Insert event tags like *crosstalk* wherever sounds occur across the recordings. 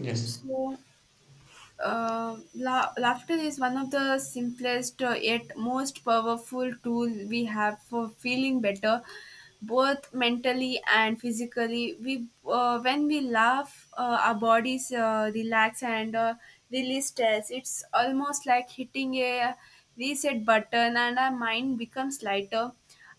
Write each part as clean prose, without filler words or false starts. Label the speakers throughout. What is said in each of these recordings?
Speaker 1: Yes,
Speaker 2: So, Laughter is one of the simplest yet most powerful tool we have for feeling better, both mentally and physically. We when we laugh, our bodies relax and release stress. It's almost like hitting a reset button, and our mind becomes lighter.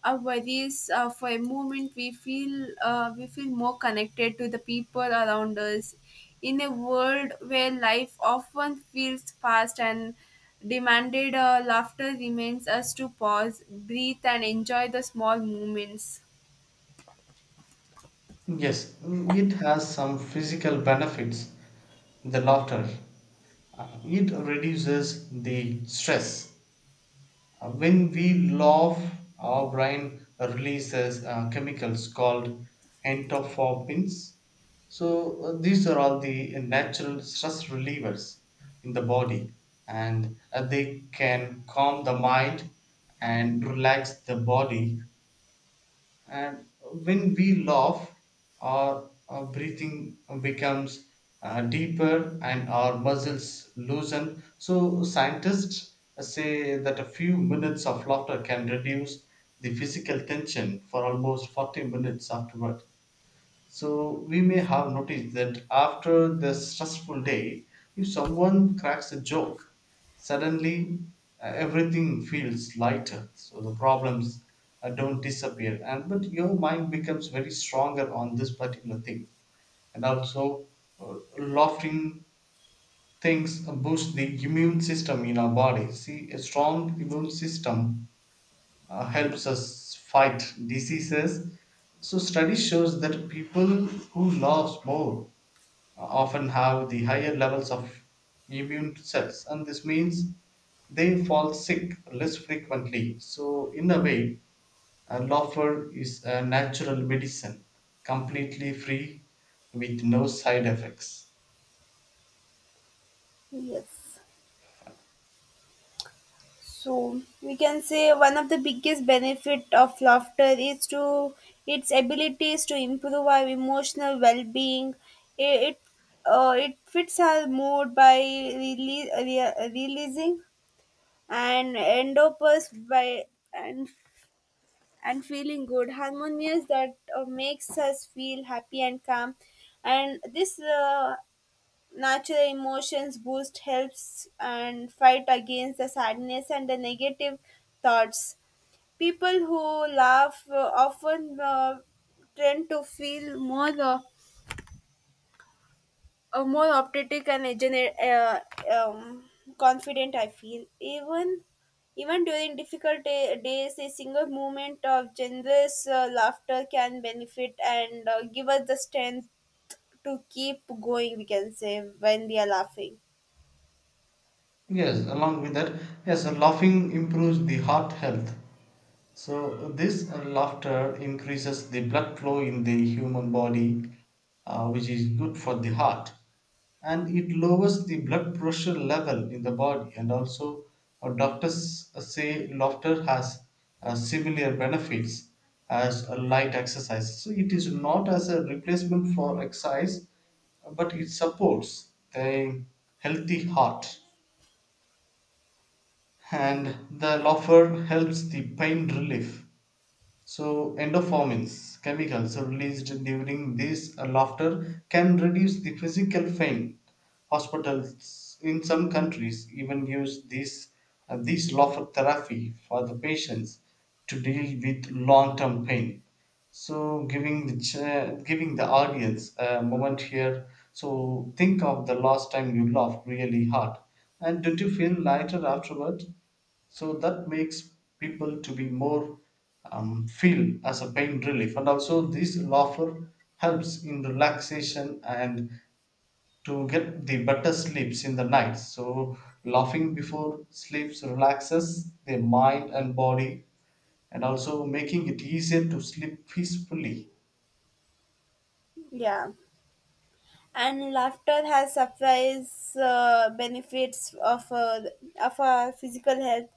Speaker 2: Our worries, for a moment we feel, we feel more connected to the people around us. In a world where life often feels fast and demanded, laughter reminds us to pause, breathe, and enjoy the small moments.
Speaker 1: yes, it has some physical benefits. The laughter, it reduces the stress. When we laugh, our brain releases chemicals called endorphins. So these are all the natural stress relievers in the body, and they can calm the mind and relax the body, and when we laugh, our breathing becomes deeper and our muscles loosen. So scientists say that a few minutes of laughter can reduce the physical tension for almost 40 minutes afterward, so we may have noticed that after the stressful day, if someone cracks a joke, suddenly everything feels lighter. So the problems don't disappear, and but your mind becomes very stronger on this particular thing. And also, laughing things boost the immune system in our body. See, a strong immune system helps us fight diseases. So, study shows that people who laugh more often have the higher levels of immune cells, and this means they fall sick less frequently. So, in a way, a laughter is a natural medicine, completely free with no side effects.
Speaker 2: Yes. So we can say one of the biggest benefit of laughter is to its abilities to improve our emotional well-being. It, it fits our mood by releasing and endorphins, by and and feeling good harmonious that makes us feel happy and calm. And this, natural emotions boost helps and fight against the sadness and the negative thoughts. People who laugh, often tend to feel more, more optimistic and um, confident, I feel. Even during difficult days, a single moment of generous laughter can benefit and give us the strength to keep going, we can say, when we are laughing.
Speaker 1: Yes, along with that, yes, laughing improves the heart health. So this laughter increases the blood flow in the human body, which is good for the heart, and it lowers the blood pressure level in the body. And also, doctors say laughter has similar benefits as a light exercise. So it is not as a replacement for exercise, but it supports the healthy heart, and the laughter helps the pain relief. So endorphins, chemicals released during this laughter, can reduce the physical pain. Hospitals in some countries even use this this laughter therapy for the patients to deal with long-term pain. So giving the giving the audience a moment here. So think of the last time you laughed really hard, and did you feel lighter afterward? So that makes people to be more feel as a pain relief, and also this laughter helps in relaxation and to get the better sleeps in the night. So laughing before sleeps relaxes the mind and body, and also making it easier to sleep peacefully.
Speaker 2: Yeah, and laughter has surprise benefits of, of our physical health.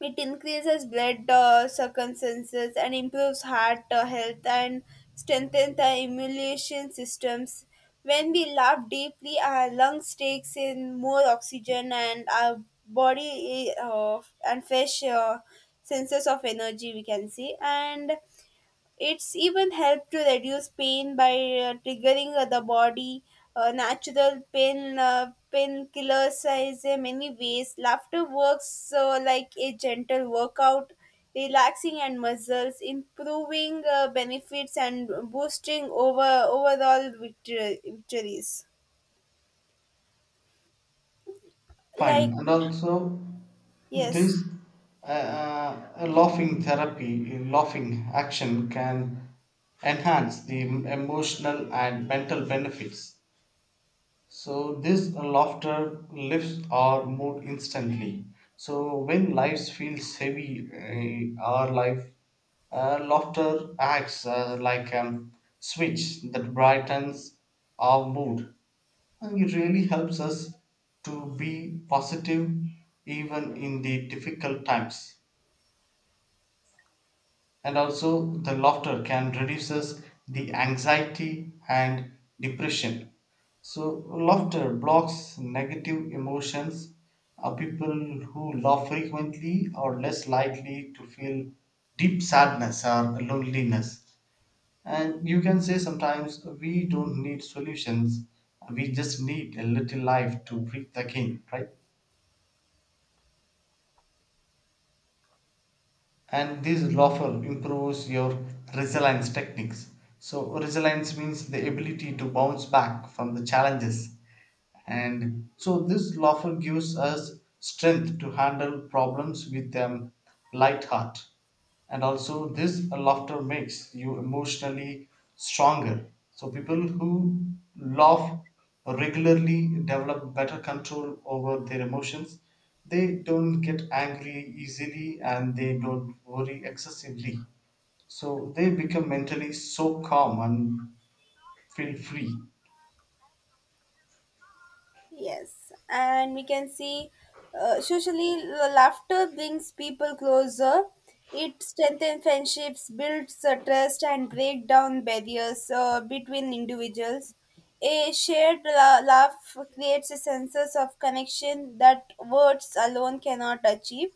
Speaker 2: It increases blood circumstances and improves heart health and strengthens the immune systems. When we laugh deeply, our lungs takes in more oxygen and our body, and fresh senses of energy, we can see. And it's even helped to reduce pain by triggering the body. Natural pain, painkillers, is in many ways. Laughter works like a gentle workout, relaxing and muscles, improving benefits, and boosting overall victories. Like,
Speaker 1: Fine, and also
Speaker 2: yes.
Speaker 1: this uh, laughing therapy, laughing action can enhance the emotional and mental benefits. So this laughter lifts our mood instantly. So when life feels heavy, our life laughter acts like a switch that brightens our mood, and it really helps us to be positive even in the difficult times. And also, the laughter can reduces the anxiety and depression. So, laughter blocks negative emotions. People who laugh frequently are less likely to feel deep sadness or loneliness. And you can say sometimes we don't need solutions, we just need a little life to breathe again, right? And this laughter improves your resilience techniques. So, resilience means the ability to bounce back from the challenges. And so, this laughter gives us strength to handle problems with a light heart. And also, this laughter makes you emotionally stronger. So people who laugh regularly develop better control over their emotions. They don't get angry easily, and they don't worry excessively, so they become mentally so calm and feel free.
Speaker 2: Yes, and we can see, socially laughter brings people closer. It strengthens friendships, builds trust, and break down barriers between individuals. A shared laugh creates a sense of connection that words alone cannot achieve.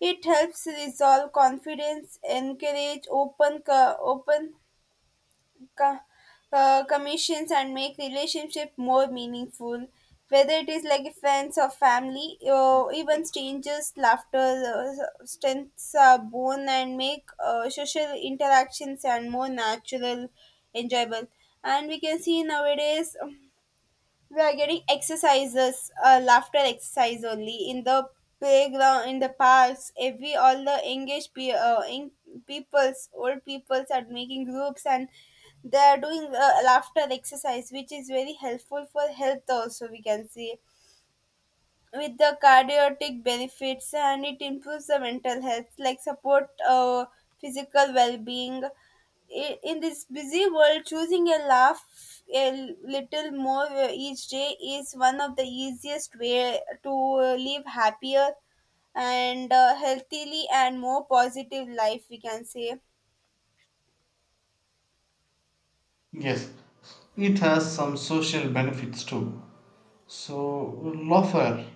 Speaker 2: It helps resolve confidence, encourage open co- commissions, and make relationship more meaningful, whether it is like friends or family or even strangers. Laughter strengths are born and make social interactions and more natural, enjoyable. And we can see nowadays, we are getting exercises, laughter exercise only in the playground, in the parks. Every all the engaged in peoples, old peoples are making groups, and they are doing laughter exercise, which is very helpful for health also, we can see, with the cardiac benefits. And it improves the mental health, like support, physical well-being. In this busy world, choosing a laugh a little more each day is one of the easiest way to live happier and, healthily and more positive life, we can say.
Speaker 1: Yes, it has some social benefits too. So laughter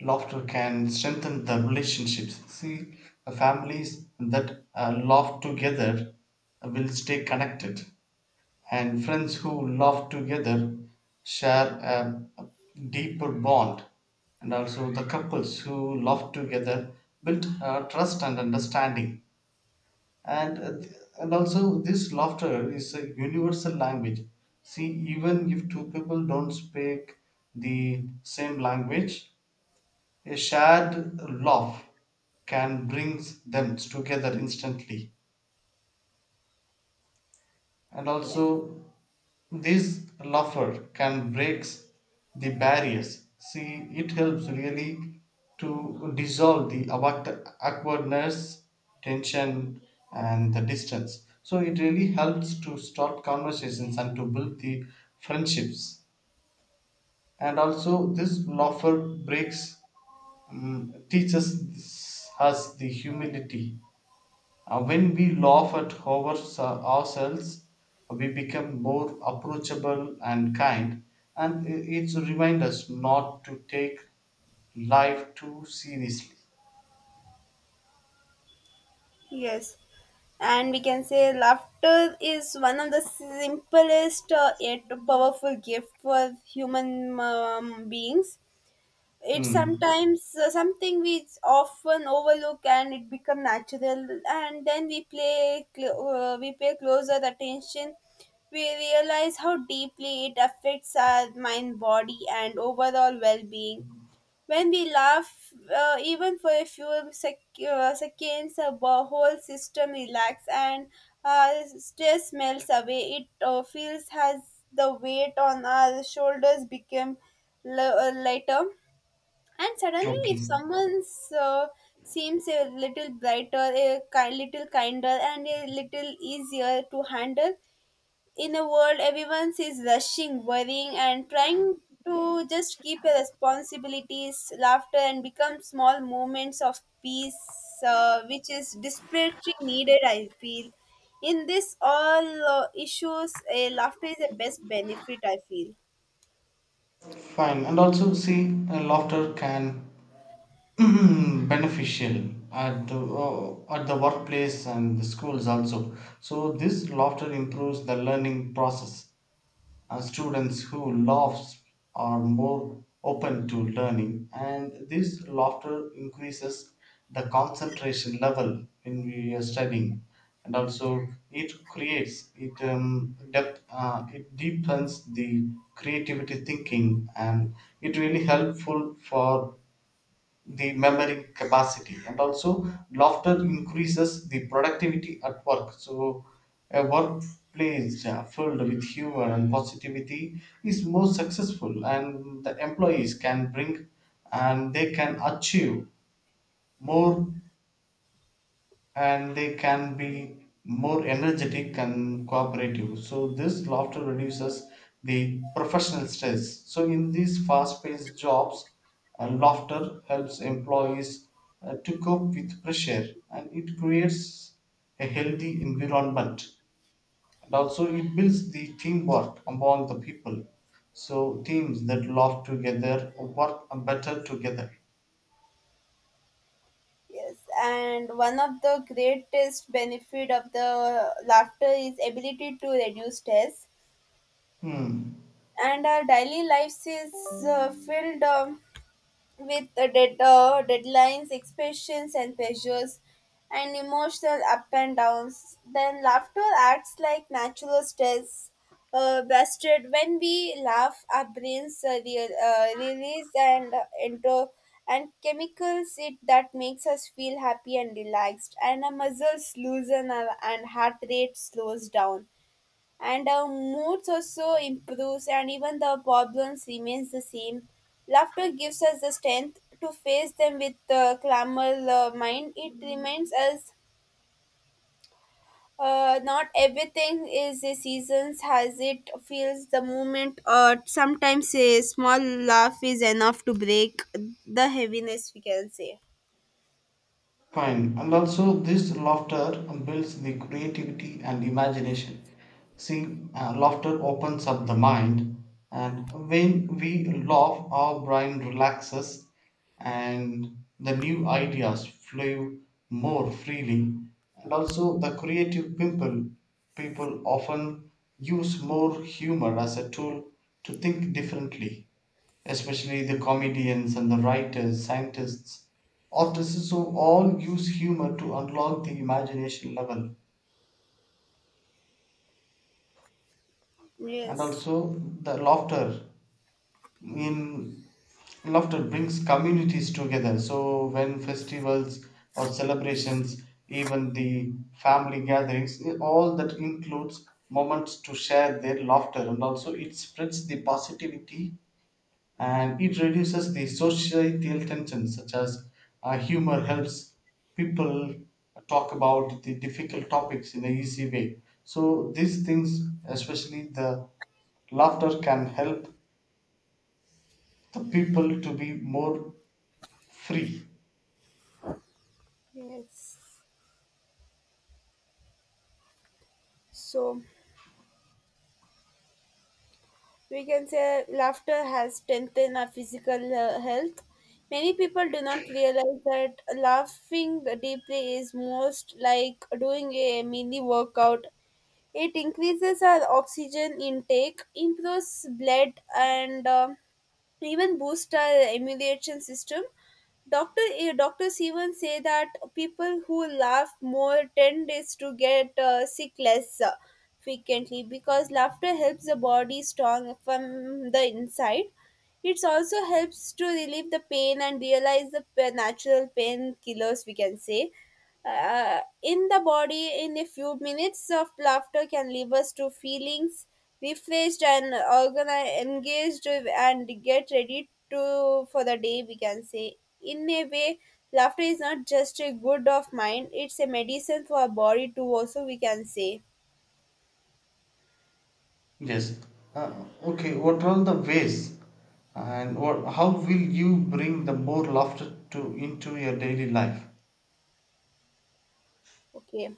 Speaker 1: laughter can strengthen the relationships. See, families that laugh together will stay connected, and friends who laugh together share a deeper bond. And also, the couples who laugh together build trust and understanding. And uh, th- and also, this laughter is a universal language. See, even if two people don't speak the same language, a shared laugh can bring them together instantly, and
Speaker 2: Yes.
Speaker 1: also this laughter can breaks the barriers. See, it helps really to dissolve the awkwardness, tension, and the distance. So it really helps to start conversations and to build the friendships. And also, this laughter breaks, teaches us the humility. When we laugh at ourselves, we become more approachable and kind, and it's a remind us not to take life too seriously.
Speaker 2: Yes, and we can say laughter is one of the simplest yet powerful gift for human, beings. It's
Speaker 1: Hmm.
Speaker 2: sometimes, something we often overlook, and it become natural. And then we we pay closer attention. We realize how deeply it affects our mind, body, and overall well-being. When we laugh, even for a few seconds, the whole system relaxes and, uh, stress melts away. It feels as the weight on our shoulders became lighter. And suddenly, if
Speaker 1: Okay.
Speaker 2: someone's uh, seems a little brighter, a little kinder, and a little easier to handle. In a world everyone is rushing, worrying, and trying to just keep their responsibilities, laughter, and become small moments of peace, which is desperately needed, I feel. In this all issues, a laughter is the best benefit, I feel.
Speaker 1: Fine. And also, see, laughter can *clears throat* beneficial at the workplace and the schools also. So this laughter improves the learning process. Students who laugh are more open to learning, and this laughter increases the concentration level when we are studying, and also it creates it depth it deepens the creativity thinking, and it really helpful for the memory capacity. And also laughter increases the productivity at work. So a workplace filled with humor and positivity is more successful, and the employees can bring and they can achieve more, and they can be more energetic and cooperative. So, this laughter reduces the professional stress. So, in these fast paced jobs, laughter helps employees to cope with pressure, and it creates a healthy environment, and also it builds the teamwork among the people. So, teams that laugh together work better together.
Speaker 2: Yes, and one of the greatest benefit of the laughter is ability to reduce stress.
Speaker 1: Hmm.
Speaker 2: And our daily lives is filled with the deadlines, expectations, and pressures, and emotional up and downs. Then laughter acts like natural stress, busted. When we laugh, our brains release and, enter and chemicals it that makes us feel happy and relaxed, and our muscles loosen, and heart rate slows down, and our moods also improves. And even the problems remains the same, laughter gives us the strength to face them with the clamor, mind. It reminds us, not everything is a seasons as it feels the moment. Or sometimes a small laugh is enough to break the heaviness, we can say.
Speaker 1: Fine. And also, this laughter builds the creativity and imagination. See, laughter opens up the mind, and when we laugh, our brain relaxes and the new ideas flow more freely. And also, the people often use more humor as a tool to think differently. Especially the comedians and the writers, scientists, artists, who all use humor to unlock the imagination level. And
Speaker 2: Yes.
Speaker 1: also the in laughter brings communities together. So when festivals or celebrations, even the family gatherings, all that includes moments to share their laughter, and also it spreads the positivity and it reduces the societal tensions such as humor helps people talk about the difficult topics in an easy way. So these things, especially the laughter, can help the people to be more free.
Speaker 2: Yes, so we can say laughter has strengthened our physical health. Many people do not realize that laughing deeply is most like doing a mini workout. It increases our oxygen intake, improves blood, and, even boost our immune system. Doctors even say that people who laugh more tend is to get sick less frequently because laughter helps the body strong from the inside. It also helps to relieve the pain and realize the natural painkillers, we can say, in the body. In a few minutes of laughter can leave us to feelings refreshed and organized, engaged and get ready to for the day, we can say. In a way, laughter is not just a good of mind, it's a medicine for our body too also, we can say.
Speaker 1: Yes, okay, what are the ways and what how will you bring the more laughter to into your daily life?
Speaker 2: Okay.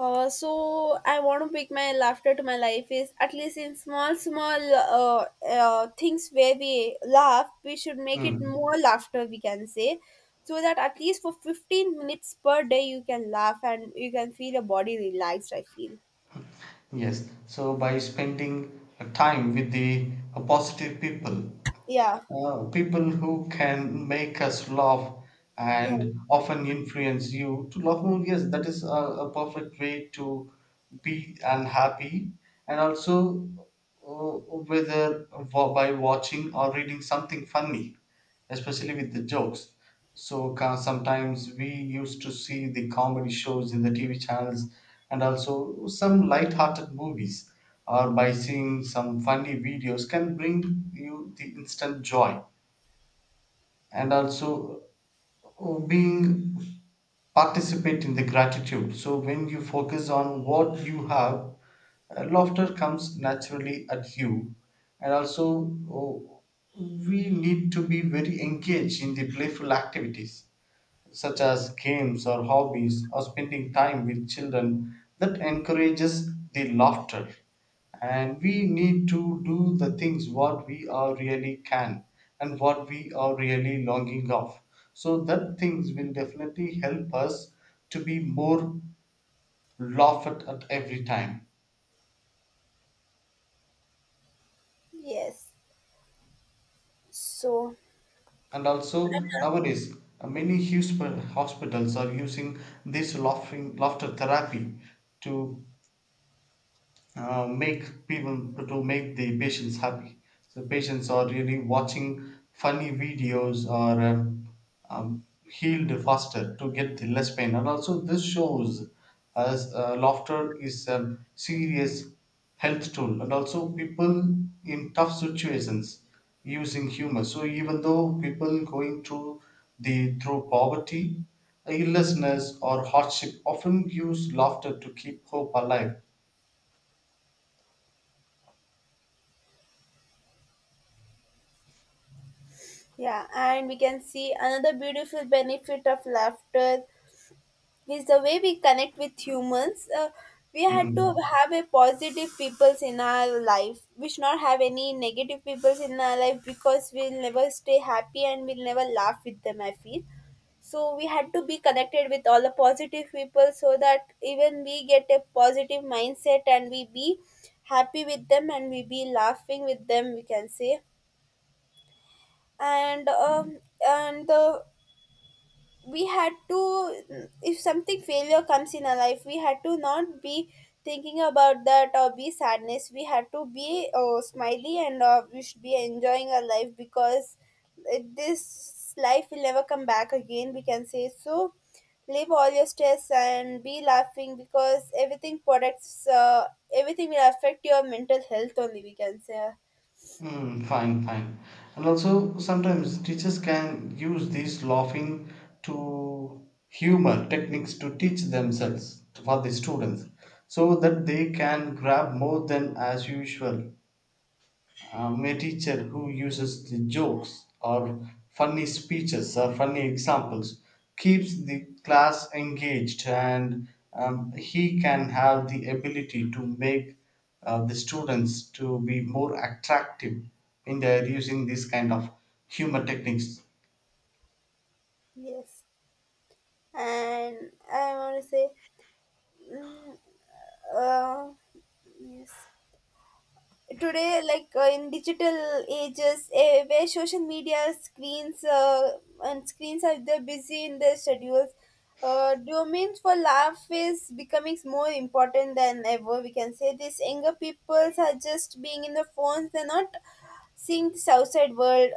Speaker 2: So I want to pick my laughter to my life is at least in small, small, things where we laugh, we should make it
Speaker 1: Hmm.
Speaker 2: more laughter, we can say, so that at least for 15 minutes per day you can laugh and you can feel your body relaxed, I feel.
Speaker 1: Yes. So by spending time with the positive people,
Speaker 2: Yeah,
Speaker 1: people who can make us laugh
Speaker 2: yeah,
Speaker 1: and often influence you to laugh more, yes, that is a perfect way to be unhappy. And also, uh, whether by watching or reading something funny, especially with the jokes. So sometimes we used to see the comedy shows in the TV channels, and also some light-hearted movies or by seeing some funny videos can bring you the instant joy. And also, being participate in the gratitude, so when you focus on what you have, laughter comes naturally at you. And also, oh, we need to be very engaged in the playful activities, such as games or hobbies or spending time with children, that encourages the laughter. And we need to do the things what we are really can and what we are really longing of, so that things will definitely help us to be more laughed at every time.
Speaker 2: yes. So,
Speaker 1: And also, nowadays hospitals are using this laughing laughter therapy to make people to make the patients happy. So patients are really watching funny videos or healed faster to get the less pain. And also this shows as laughter is a serious health tool, and also people in tough situations using humor. So even though people going through the through poverty, illnessness or hardship often use laughter to keep hope alive.
Speaker 2: yeah, and we can see another beautiful benefit of laughter is the way we connect with humans. We had to
Speaker 1: Mm.
Speaker 2: have a positive peoples in our life. We should not have any negative peoples in our life because we'll never stay happy and we'll never laugh with them, I feel so. We had to be connected with all the positive people so that even we get a positive mindset, and we be happy with them and we be laughing with them, we can say. And, and the we had to, if something failure comes in our life, we had to not be thinking about that or be sadness. We had to be, smiley, and, we should be enjoying our life because it, this life will never come back again, we can say. So leave all your stress and be laughing, because everything products everything will affect your mental health only, we can say.
Speaker 1: Hmm, fine, fine. And also, sometimes teachers can use these laughing to humor techniques to teach themselves for the students, so that they can grab more than as usual. A teacher who uses the jokes or funny speeches or funny examples keeps the class engaged, and he can have the ability to make the students to be more attractive in their using this kind of humor techniques.
Speaker 2: Yes. And I want to say, mm, uh, yes, today, like, in digital ages, where social media screens, and screens are, they're busy in their schedules, domains for laugh is becoming more important than ever, we can say. This younger peoples are just being in the phones, they're not seeing this outside world.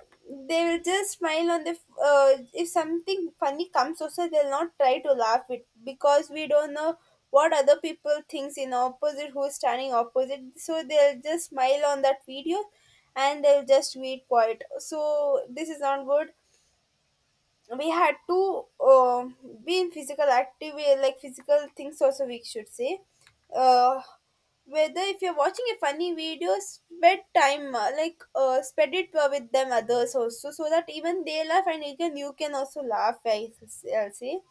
Speaker 2: They will just smile on the, if something funny comes also, they'll not try to laugh it because we don't know what other people thinks in opposite, who's standing opposite, so they'll just smile on that video and they'll just wait quiet. So this is not good. We had to, be in physical active, like physical things also, we should say, uh, whether if you're watching a funny video, spend time, spend it with them others also, so that even they laugh and you can also laugh, I'll say.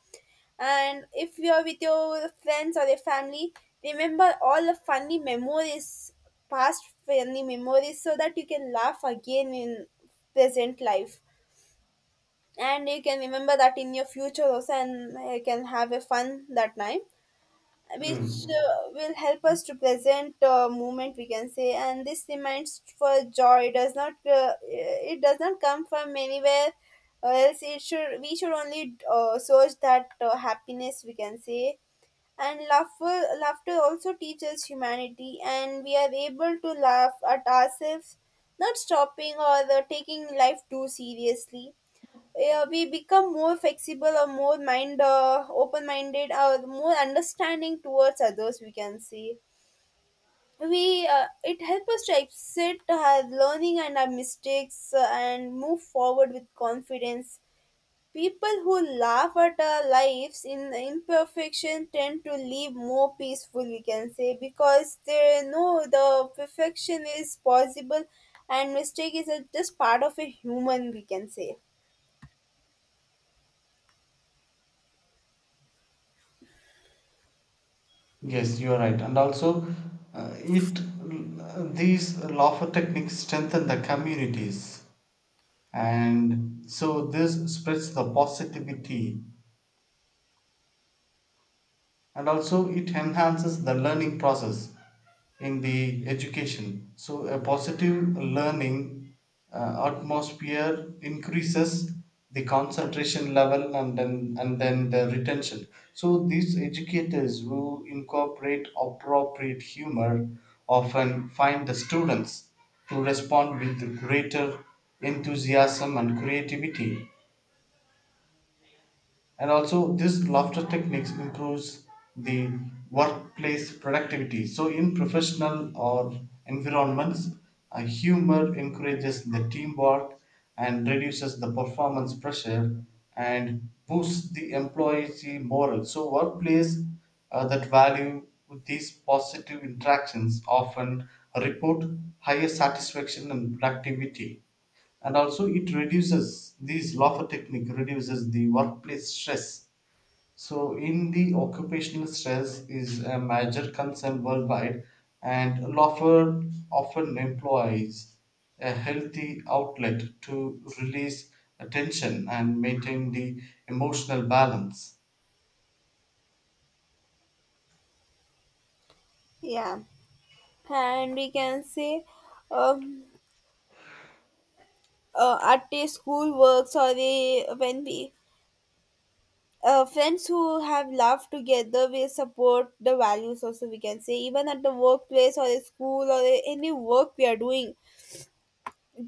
Speaker 2: And if you're with your friends or your family, remember all the funny memories, past funny memories, so that you can laugh again in present life, and you can remember that in your future also, and you can have a fun that time, which
Speaker 1: Mm.
Speaker 2: will help us to present moment, we can say. And this reminds for joy, it does not, it does not come from anywhere else. It should, we should only source that happiness, we can say. And laughter also teaches humanity, and we are able to laugh at ourselves, not stopping or taking life too seriously. Yeah, we become more flexible, or more mind, open minded, or more understanding towards others, we can see. We, it helps us to accept our learning and our mistakes, and move forward with confidence. People who laugh at our lives in imperfection tend to live more peaceful, we can say, because they know the perfection is possible, and mistake is, just part of a human, we can say.
Speaker 1: Yes, you are right. And also, it these laughter techniques strengthen the communities, and so this spreads the positivity, and also it enhances the learning process in the education. So a positive learning atmosphere increases the concentration level and then the retention. So these educators who incorporate appropriate humor often find the students to respond with greater enthusiasm and creativity. And also this laughter techniques improves the workplace productivity. So in professional or environments, humor encourages the teamwork and reduces the performance pressure and boosts the employee morale. So workplace that value these positive interactions often report higher satisfaction and productivity. And also it reduces these lawful technique reduces the workplace stress. So in the occupational stress is a major concern worldwide, and lawful often employs a healthy outlet to release attention and maintain the emotional balance.
Speaker 2: Yeah, and we can say, um, at a school works, or a, when we, friends who have laughed together will support the values also, we can say. Even at the workplace or a school or a, any work we are doing,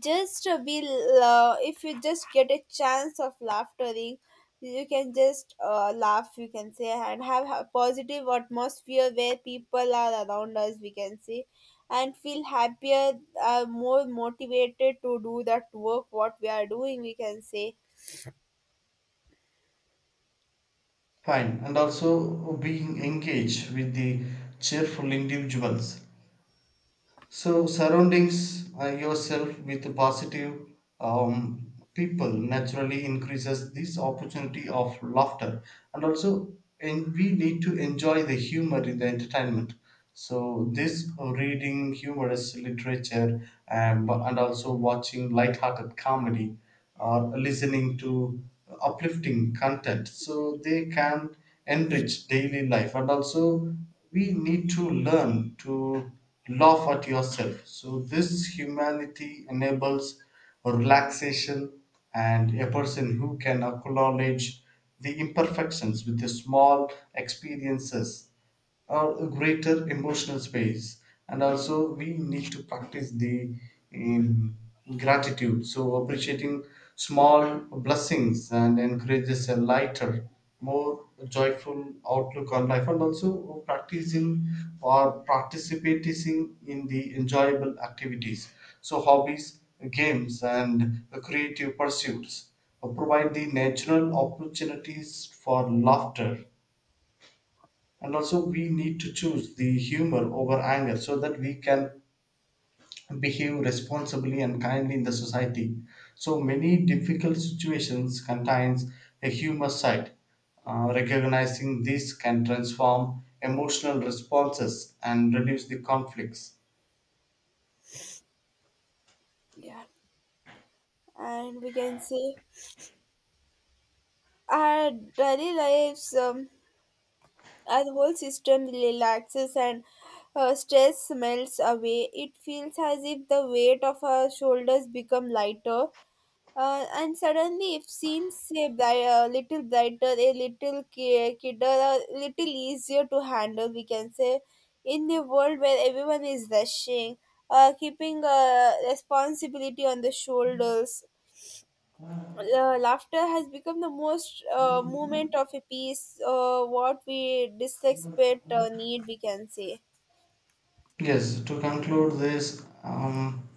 Speaker 2: just to be, if you just get a chance of laughtering, you can just laugh, you can say, and have a positive atmosphere where people are around us, we can say, and feel happier, more motivated to do that work what we are doing, we can say.
Speaker 1: Fine, and also being engaged with the cheerful individuals. So surroundings yourself with positive people naturally increases this opportunity of laughter, and also and we need to enjoy the humor in the entertainment. So this reading humorous literature, and also watching light-hearted comedy or listening to uplifting content, so they can enrich daily life. And also we need to learn to laugh at yourself, so this humanity enables relaxation, and a person who can acknowledge the imperfections with the small experiences or a greater emotional space. And also we need to practice the um, gratitude, so appreciating small blessings and encourages a lighter, more joyful outlook on life. And also practicing or participating in the enjoyable activities, so hobbies, games and creative pursuits provide the natural opportunities for laughter. And also we need to choose the humor over anger, so that we can behave responsibly and kindly in the society. So many difficult situations contains a humor side. Recognizing this can transform emotional responses and reduce the conflicts.
Speaker 2: Yeah. And we can say our daily lives, as whole system relaxes and, stress melts away, it feels as if the weight of our shoulders become lighter. And suddenly, it seems a, a little brighter, a little kidder, a little easier to handle, we can say. In a world where everyone is rushing, keeping responsibility on the shoulders, laughter has become the most moment of a piece, what we dislike but need, we can say.
Speaker 1: Yes, to conclude this, um,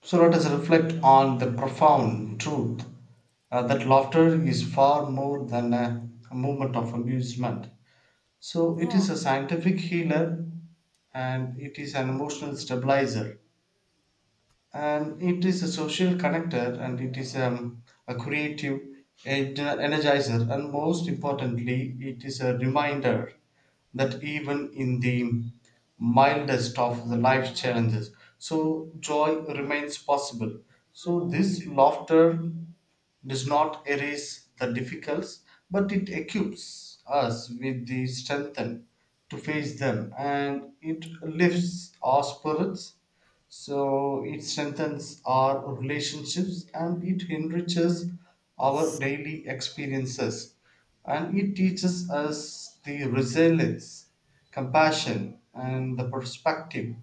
Speaker 1: so let us reflect on the profound truth that laughter is far more than a moment of amusement. So it
Speaker 2: Yeah,
Speaker 1: is a scientific healer, and it is an emotional stabilizer, and it is a social connector, and it is a creative energizer, and most importantly it is a reminder that even in the mildest of the life challenges, so joy remains possible. So this laughter does not erase the difficulties, but it equips us with the strength to face them, and it lifts our spirits. So it strengthens our relationships, and it enriches our daily experiences, and it teaches us the resilience, compassion, and the perspective.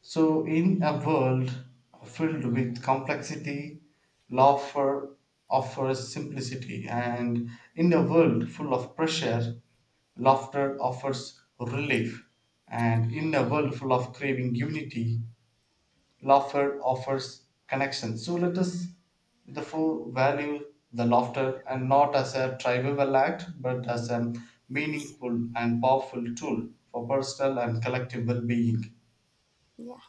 Speaker 1: So, in a world filled with complexity, laughter offers simplicity, and in a world full of pressure, laughter offers relief, and in a world full of craving unity, laughter offers connection. So, let us therefore value the laughter and not as a trivial act but as a meaningful and powerful tool for personal and collective well being.
Speaker 2: yeah.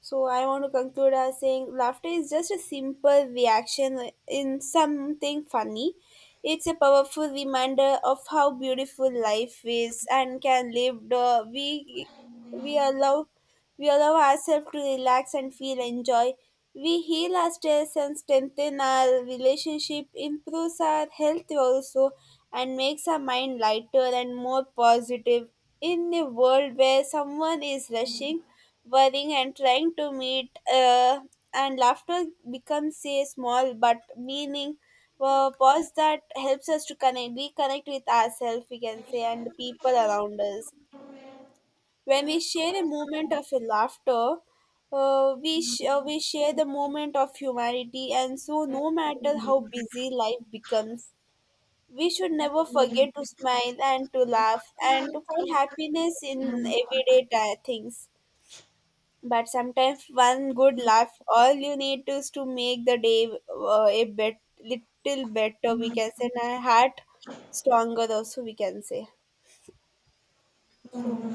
Speaker 2: So I want to conclude as saying laughter is just a simple reaction in something funny. It's a powerful reminder of how beautiful life is and can live. We allow we allow ourselves to relax and feel enjoy. We heal ourselves and strengthen our relationship, improves our health also, and makes our mind lighter and more positive. In a world where someone is rushing, worrying, and trying to meet, and laughter becomes a small but meaning, pause that helps us to connect reconnect with ourselves, we can say, and the people around us. When we share a moment of a laughter, we share the moment of humanity. And so no matter how busy life becomes, we should never forget to smile and to laugh
Speaker 1: Yeah,
Speaker 2: and to find
Speaker 1: I
Speaker 2: happiness in
Speaker 1: can.
Speaker 2: everyday things. But sometimes one good laugh, all you need is to make the day, a bit little better, we can say, and a heart stronger also, we can say. So.